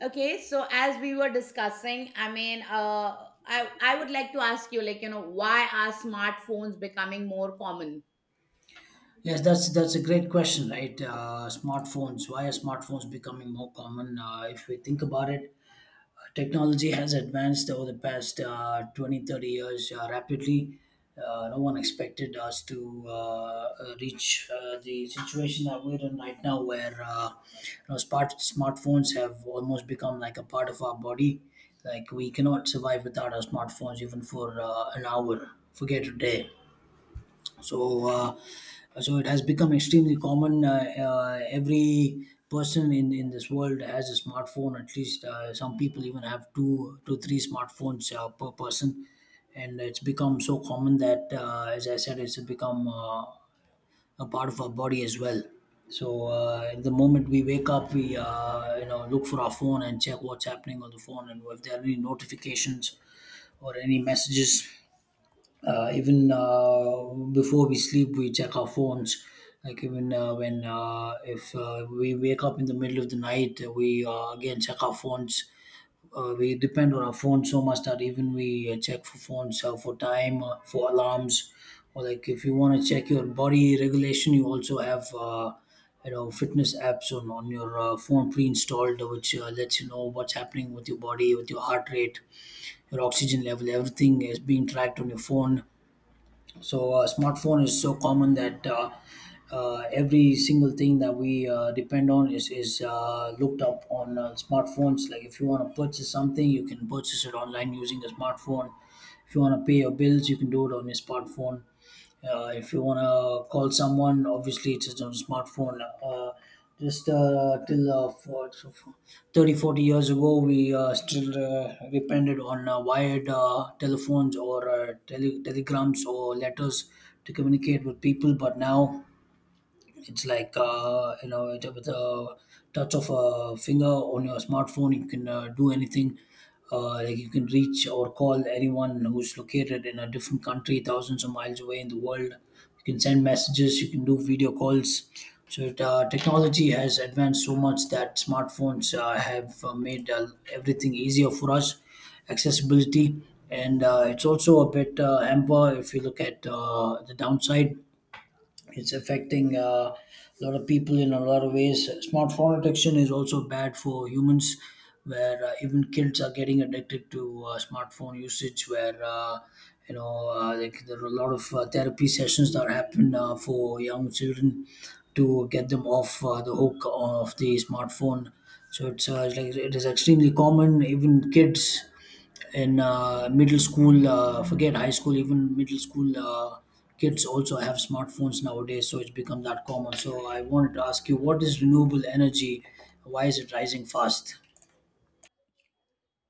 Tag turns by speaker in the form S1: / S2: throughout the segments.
S1: Okay, so as we were discussing, I would like to ask you, why are smartphones becoming more common?
S2: Yes, that's a great question, right? Smartphones. Why are smartphones becoming more common? If we think about it, technology has advanced over the past 20, 30 years rapidly. No one expected us to reach the situation that we're in right now, where smartphones have almost become like a part of our body. Like we cannot survive without our smartphones, even for an hour. Forget a day. So uh, so it has become extremely common. Every person in this world has a smartphone. At least some people even have two to three smartphones per person, and it's become so common that, as I said, it's become a part of our body as well. So the moment we wake up, we look for our phone and check what's happening on the phone and if there are any notifications or any messages. Even before we sleep, we check our phones. Like even uh, when uh, if uh, we wake up in the middle of the night, we again check our phones. We depend on our phones so much that even we check for phones for time, for alarms. Or like if you want to check your body regulation, you also have fitness apps on your phone pre-installed, which lets you know what's happening with your body, with your heart rate, your oxygen level. Everything is being tracked on your phone. So smartphone is so common that every single thing that we depend on is looked up on smartphones. Like if you want to purchase something, you can purchase it online using a smartphone. If you want to pay your bills, you can do it on your smartphone. If you want to call someone, obviously it's just on smartphone. Uh, just uh, till uh, for, so for 30 40 years ago, we still depended on wired telephones, or telegrams, or letters to communicate with people. But now it's like, with a touch of a finger on your smartphone, you can do anything. Like you can reach or call anyone who's located in a different country, thousands of miles away in the world. You can send messages. You can do video calls. Technology has advanced so much that smartphones have made everything easier for us, accessibility, and it's also a bit hamper if you look at the downside. It's affecting a lot of people in a lot of ways. Smartphone addiction is also bad for humans, where even kids are getting addicted to smartphone usage. Where like there are a lot of therapy sessions that happen for young children, to get them off the hook of the smartphone. So it's like it is extremely common. Even kids in middle school, forget high school, even middle school, kids also have smartphones nowadays. So it's become that common. So I wanted to ask you, what is renewable energy? Why is it rising fast?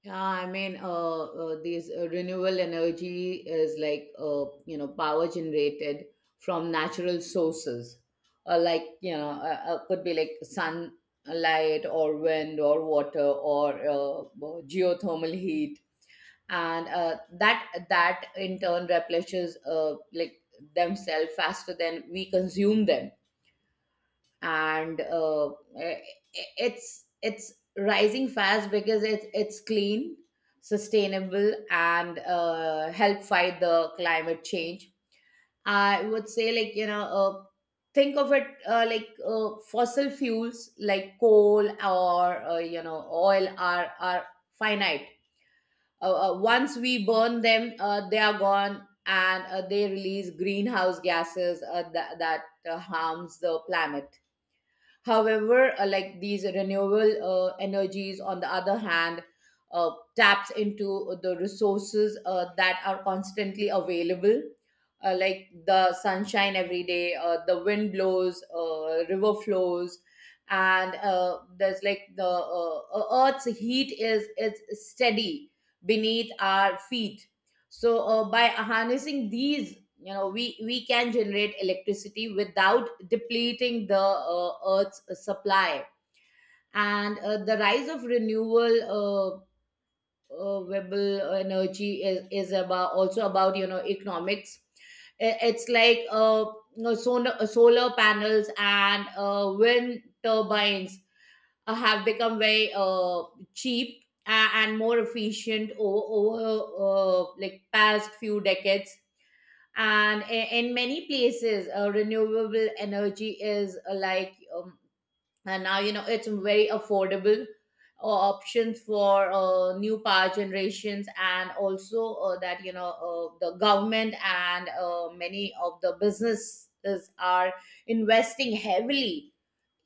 S1: These renewable energy is power generated from natural sources, could be like sunlight or wind or water or geothermal heat, and that in turn replenishes like themselves faster than we consume them. And i- it's rising fast because it's clean, sustainable, and help fight the climate change. I would say, think of it, like fossil fuels like coal or oil are finite. Once we burn them, they are gone, and they release greenhouse gases that harms the planet. However, like these renewable energies, on the other hand, taps into the resources that are constantly available, like the sunshine every day, the wind blows, river flows, and there's like the Earth's heat is steady beneath our feet. So by harnessing these, we can generate electricity without depleting the uh, earth's supply. And the rise of renewable renewable energy is about, also about, economics. It's like, solar panels and wind turbines have become very cheap and more efficient over like past few decades. And in many places, renewable energy is and now it's very affordable options for new power generations. And also, that you know the government and many of the businesses are investing heavily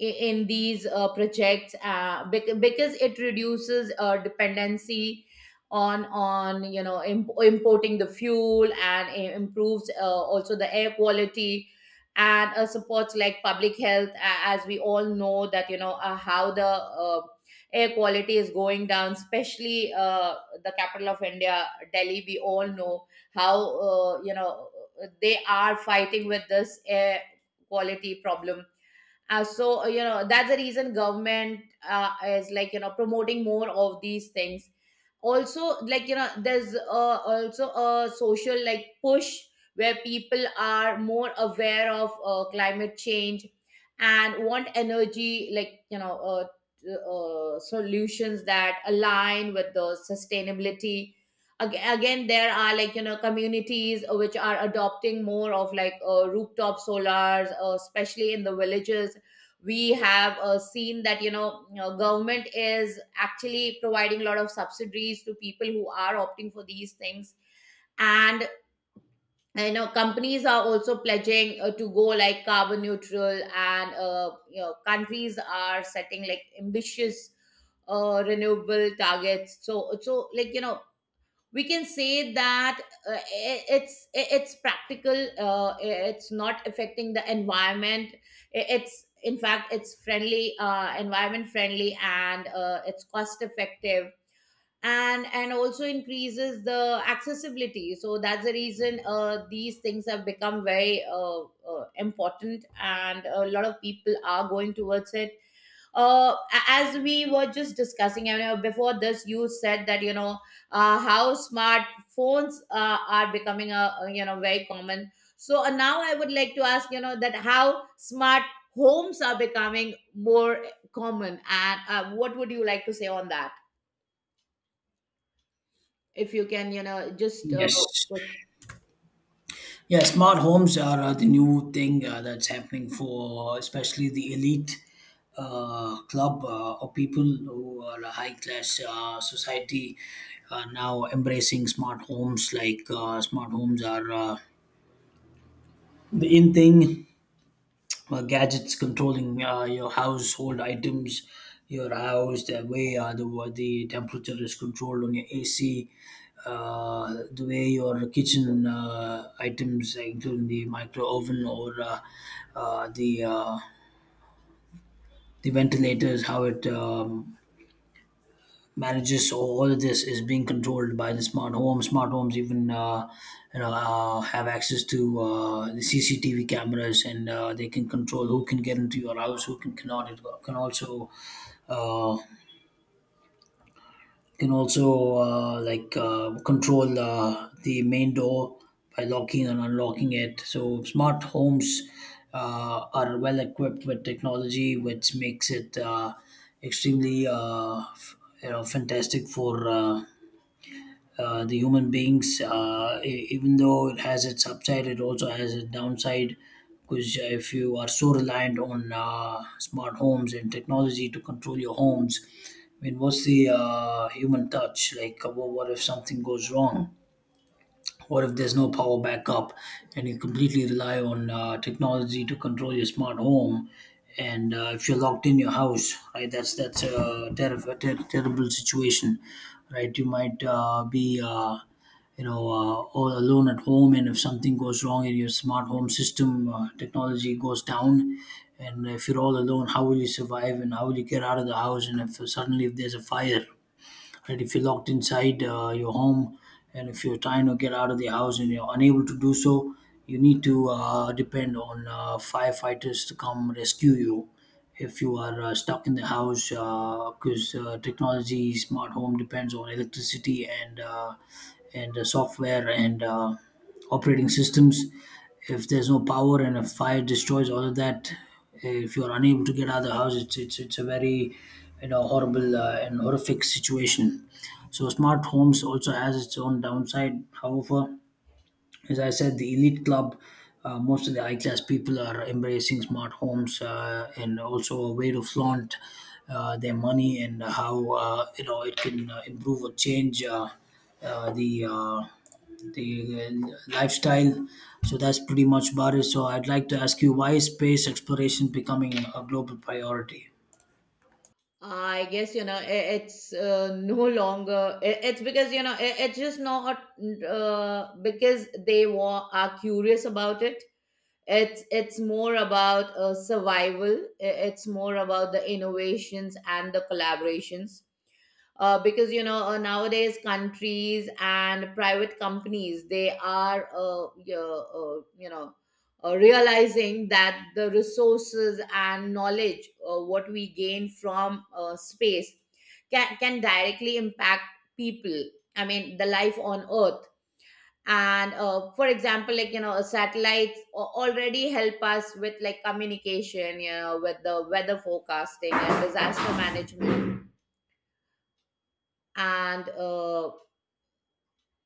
S1: in these projects, because it reduces dependency on importing the fuel, and improves also the air quality and supports like public health. As we all know that, how the uh, air quality is going down, especially the capital of India, Delhi. We all know how, they are fighting with this air quality problem. That's the reason government is, promoting more of these things. Also, there's also a social like push where people are more aware of climate change and want energy, solutions that align with the sustainability. Again, there are, communities which are adopting more of like rooftop solars, especially in the villages. We have seen that, government is actually providing a lot of subsidies to people who are opting for these things. And, companies are also pledging to go like carbon neutral, and, countries are setting like ambitious renewable targets. So, we can say that uh, i- it's it's practical, it's not affecting the environment. It's in fact, it's friendly, environment friendly, and it's cost effective, and also increases the accessibility. So that's the reason these things have become very important and a lot of people are going towards it. As we were just discussing, before this, you said that, how smartphones are becoming very common. So now I would like to ask, that how smart homes are becoming more common, and what would you like to say on that? If you can, you know, just
S2: Yes.
S1: put-
S2: Yeah, smart homes are the new thing that's happening for, especially the elite club, or people who are a high class society, now embracing smart homes. Like smart homes are the in thing. Gadgets controlling your household items, your house, the way the temperature is controlled on your AC, the way your kitchen items, including the micro oven, or uh, the uh, the ventilators, how it manages. So all of this is being controlled by the smart home. Smart homes even have access to the CCTV cameras, and they can control who can get into your house, who can cannot. It can also uh, control the main door by locking and unlocking it. So smart homes are well equipped with technology, which makes it extremely, fantastic for the human beings. Even though it has its upside, it also has a downside, because if you are so reliant on smart homes and technology to control your homes, I mean, what's the human touch? Like, what if something goes wrong? What if there's no power backup and you completely rely on technology to control your smart home? And if you're locked in your house, right, that's a terrible situation, right? You might be all alone at home, and if something goes wrong in your smart home system, technology goes down, and if you're all alone, how will you survive, and how will you get out of the house, and if suddenly if there's a fire, right, if you're locked inside your home, and if you're trying to get out of the house and you're unable to do so, you need to depend on firefighters to come rescue you. If you are stuck in the house because technology smart home depends on electricity, and software, and operating systems. If there's no power and a fire destroys all of that, if you're unable to get out of the house, it's a very, horrible and horrific situation. So smart homes also has its own downside. However, as I said, the elite club, most of the high class people, are embracing smart homes, and also a way to flaunt their money and how it can improve or change uh, the uh, the lifestyle. So that's pretty much about it. So I'd like to ask you, why is space exploration becoming a global priority?
S1: I guess, it's no longer. It's because, it's just not because they are curious about it. It's more about survival. It's more about the innovations and the collaborations, because, nowadays countries and private companies, they are realizing that the resources and knowledge what we gain from space can directly impact people. I mean, the life on Earth. And for example, satellites already help us with like communication, with the weather forecasting and disaster management. And uh,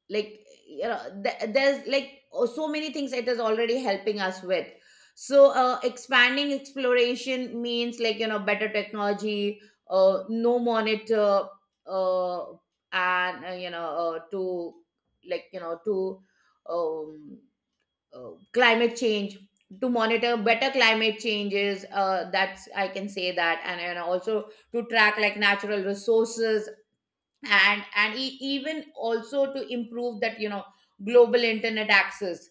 S1: like you know th- there's like, oh, so many things it is already helping us with. So expanding exploration means, better technology, no monitor, uh, and you know to like you know to um climate change to monitor better climate changes, that's, I can say that. And and, also to track like natural resources, and even also to improve that, global internet access.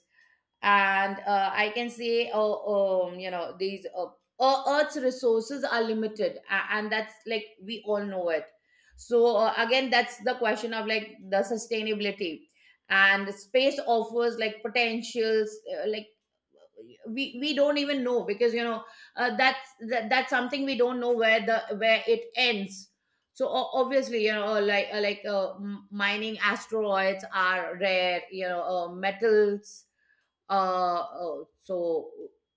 S1: And I can say, these earth's resources are limited and that's, like, we all know it. So again, that's the question of like the sustainability. And space offers like potentials, like we don't even know, because, that's something we don't know, where the, where it ends. So obviously, mining asteroids are rare, metals. Oh, so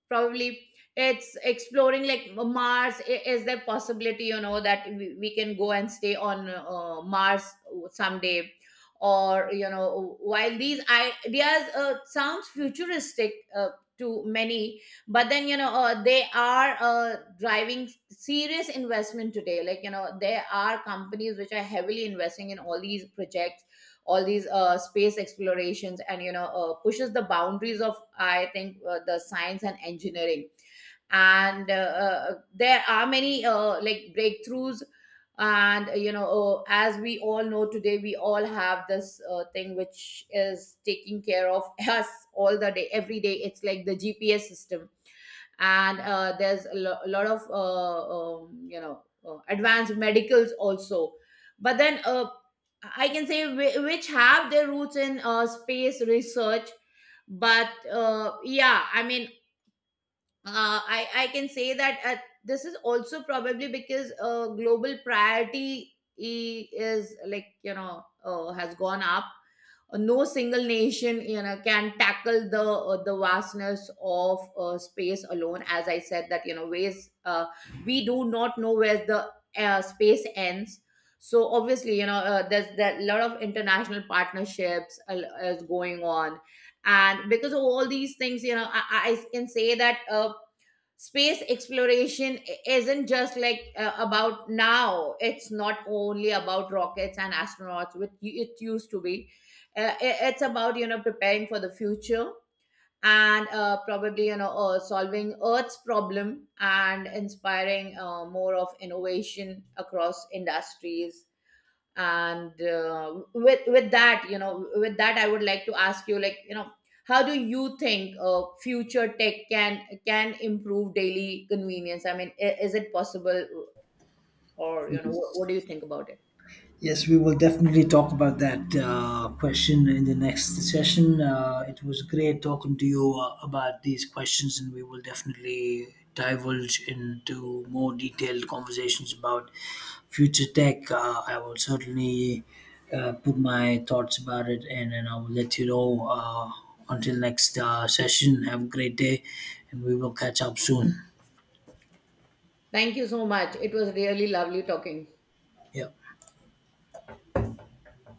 S1: probably it's exploring like Mars. Is there possibility, that we can go and stay on Mars someday? Or, while these ideas sounds futuristic to many, but then, they are driving serious investment today. There are companies which are heavily investing in all these projects, all these space explorations, and, pushes the boundaries of, I think, the science and engineering. And there are many, like, breakthroughs, and, as we all know, today we all have this thing which is taking care of us all the day, every day. It's like the GPS system. And there's a lot of advanced medicals also, but then, I can say which have their roots in space research. But yeah, I mean, I can say that this is also probably because, global priority, is, has gone up. No single nation, can tackle the, the vastness of space alone. As I said, that, you know ways we do not know where the space ends. So obviously, there a lot of international partnerships is going on. And because of all these things, I can say that space exploration isn't just like about, now it's not only about rockets and astronauts, which it used to be. It's about, preparing for the future, and probably, solving earth's problem and inspiring more of innovation across industries. And with that you know with that, I would like to ask you, like you know how do you think future tech can improve daily convenience? I mean, is it possible? Or, what do you think about it?
S2: Yes, we will definitely talk about that question in the next session. It was great talking to you about these questions, and we will definitely divulge into more detailed conversations about future tech. I will certainly put my thoughts about it, and I will let you know. Until next session, have a great day, and we will catch up soon.
S1: Thank you so much. It was really lovely talking.
S2: Yeah.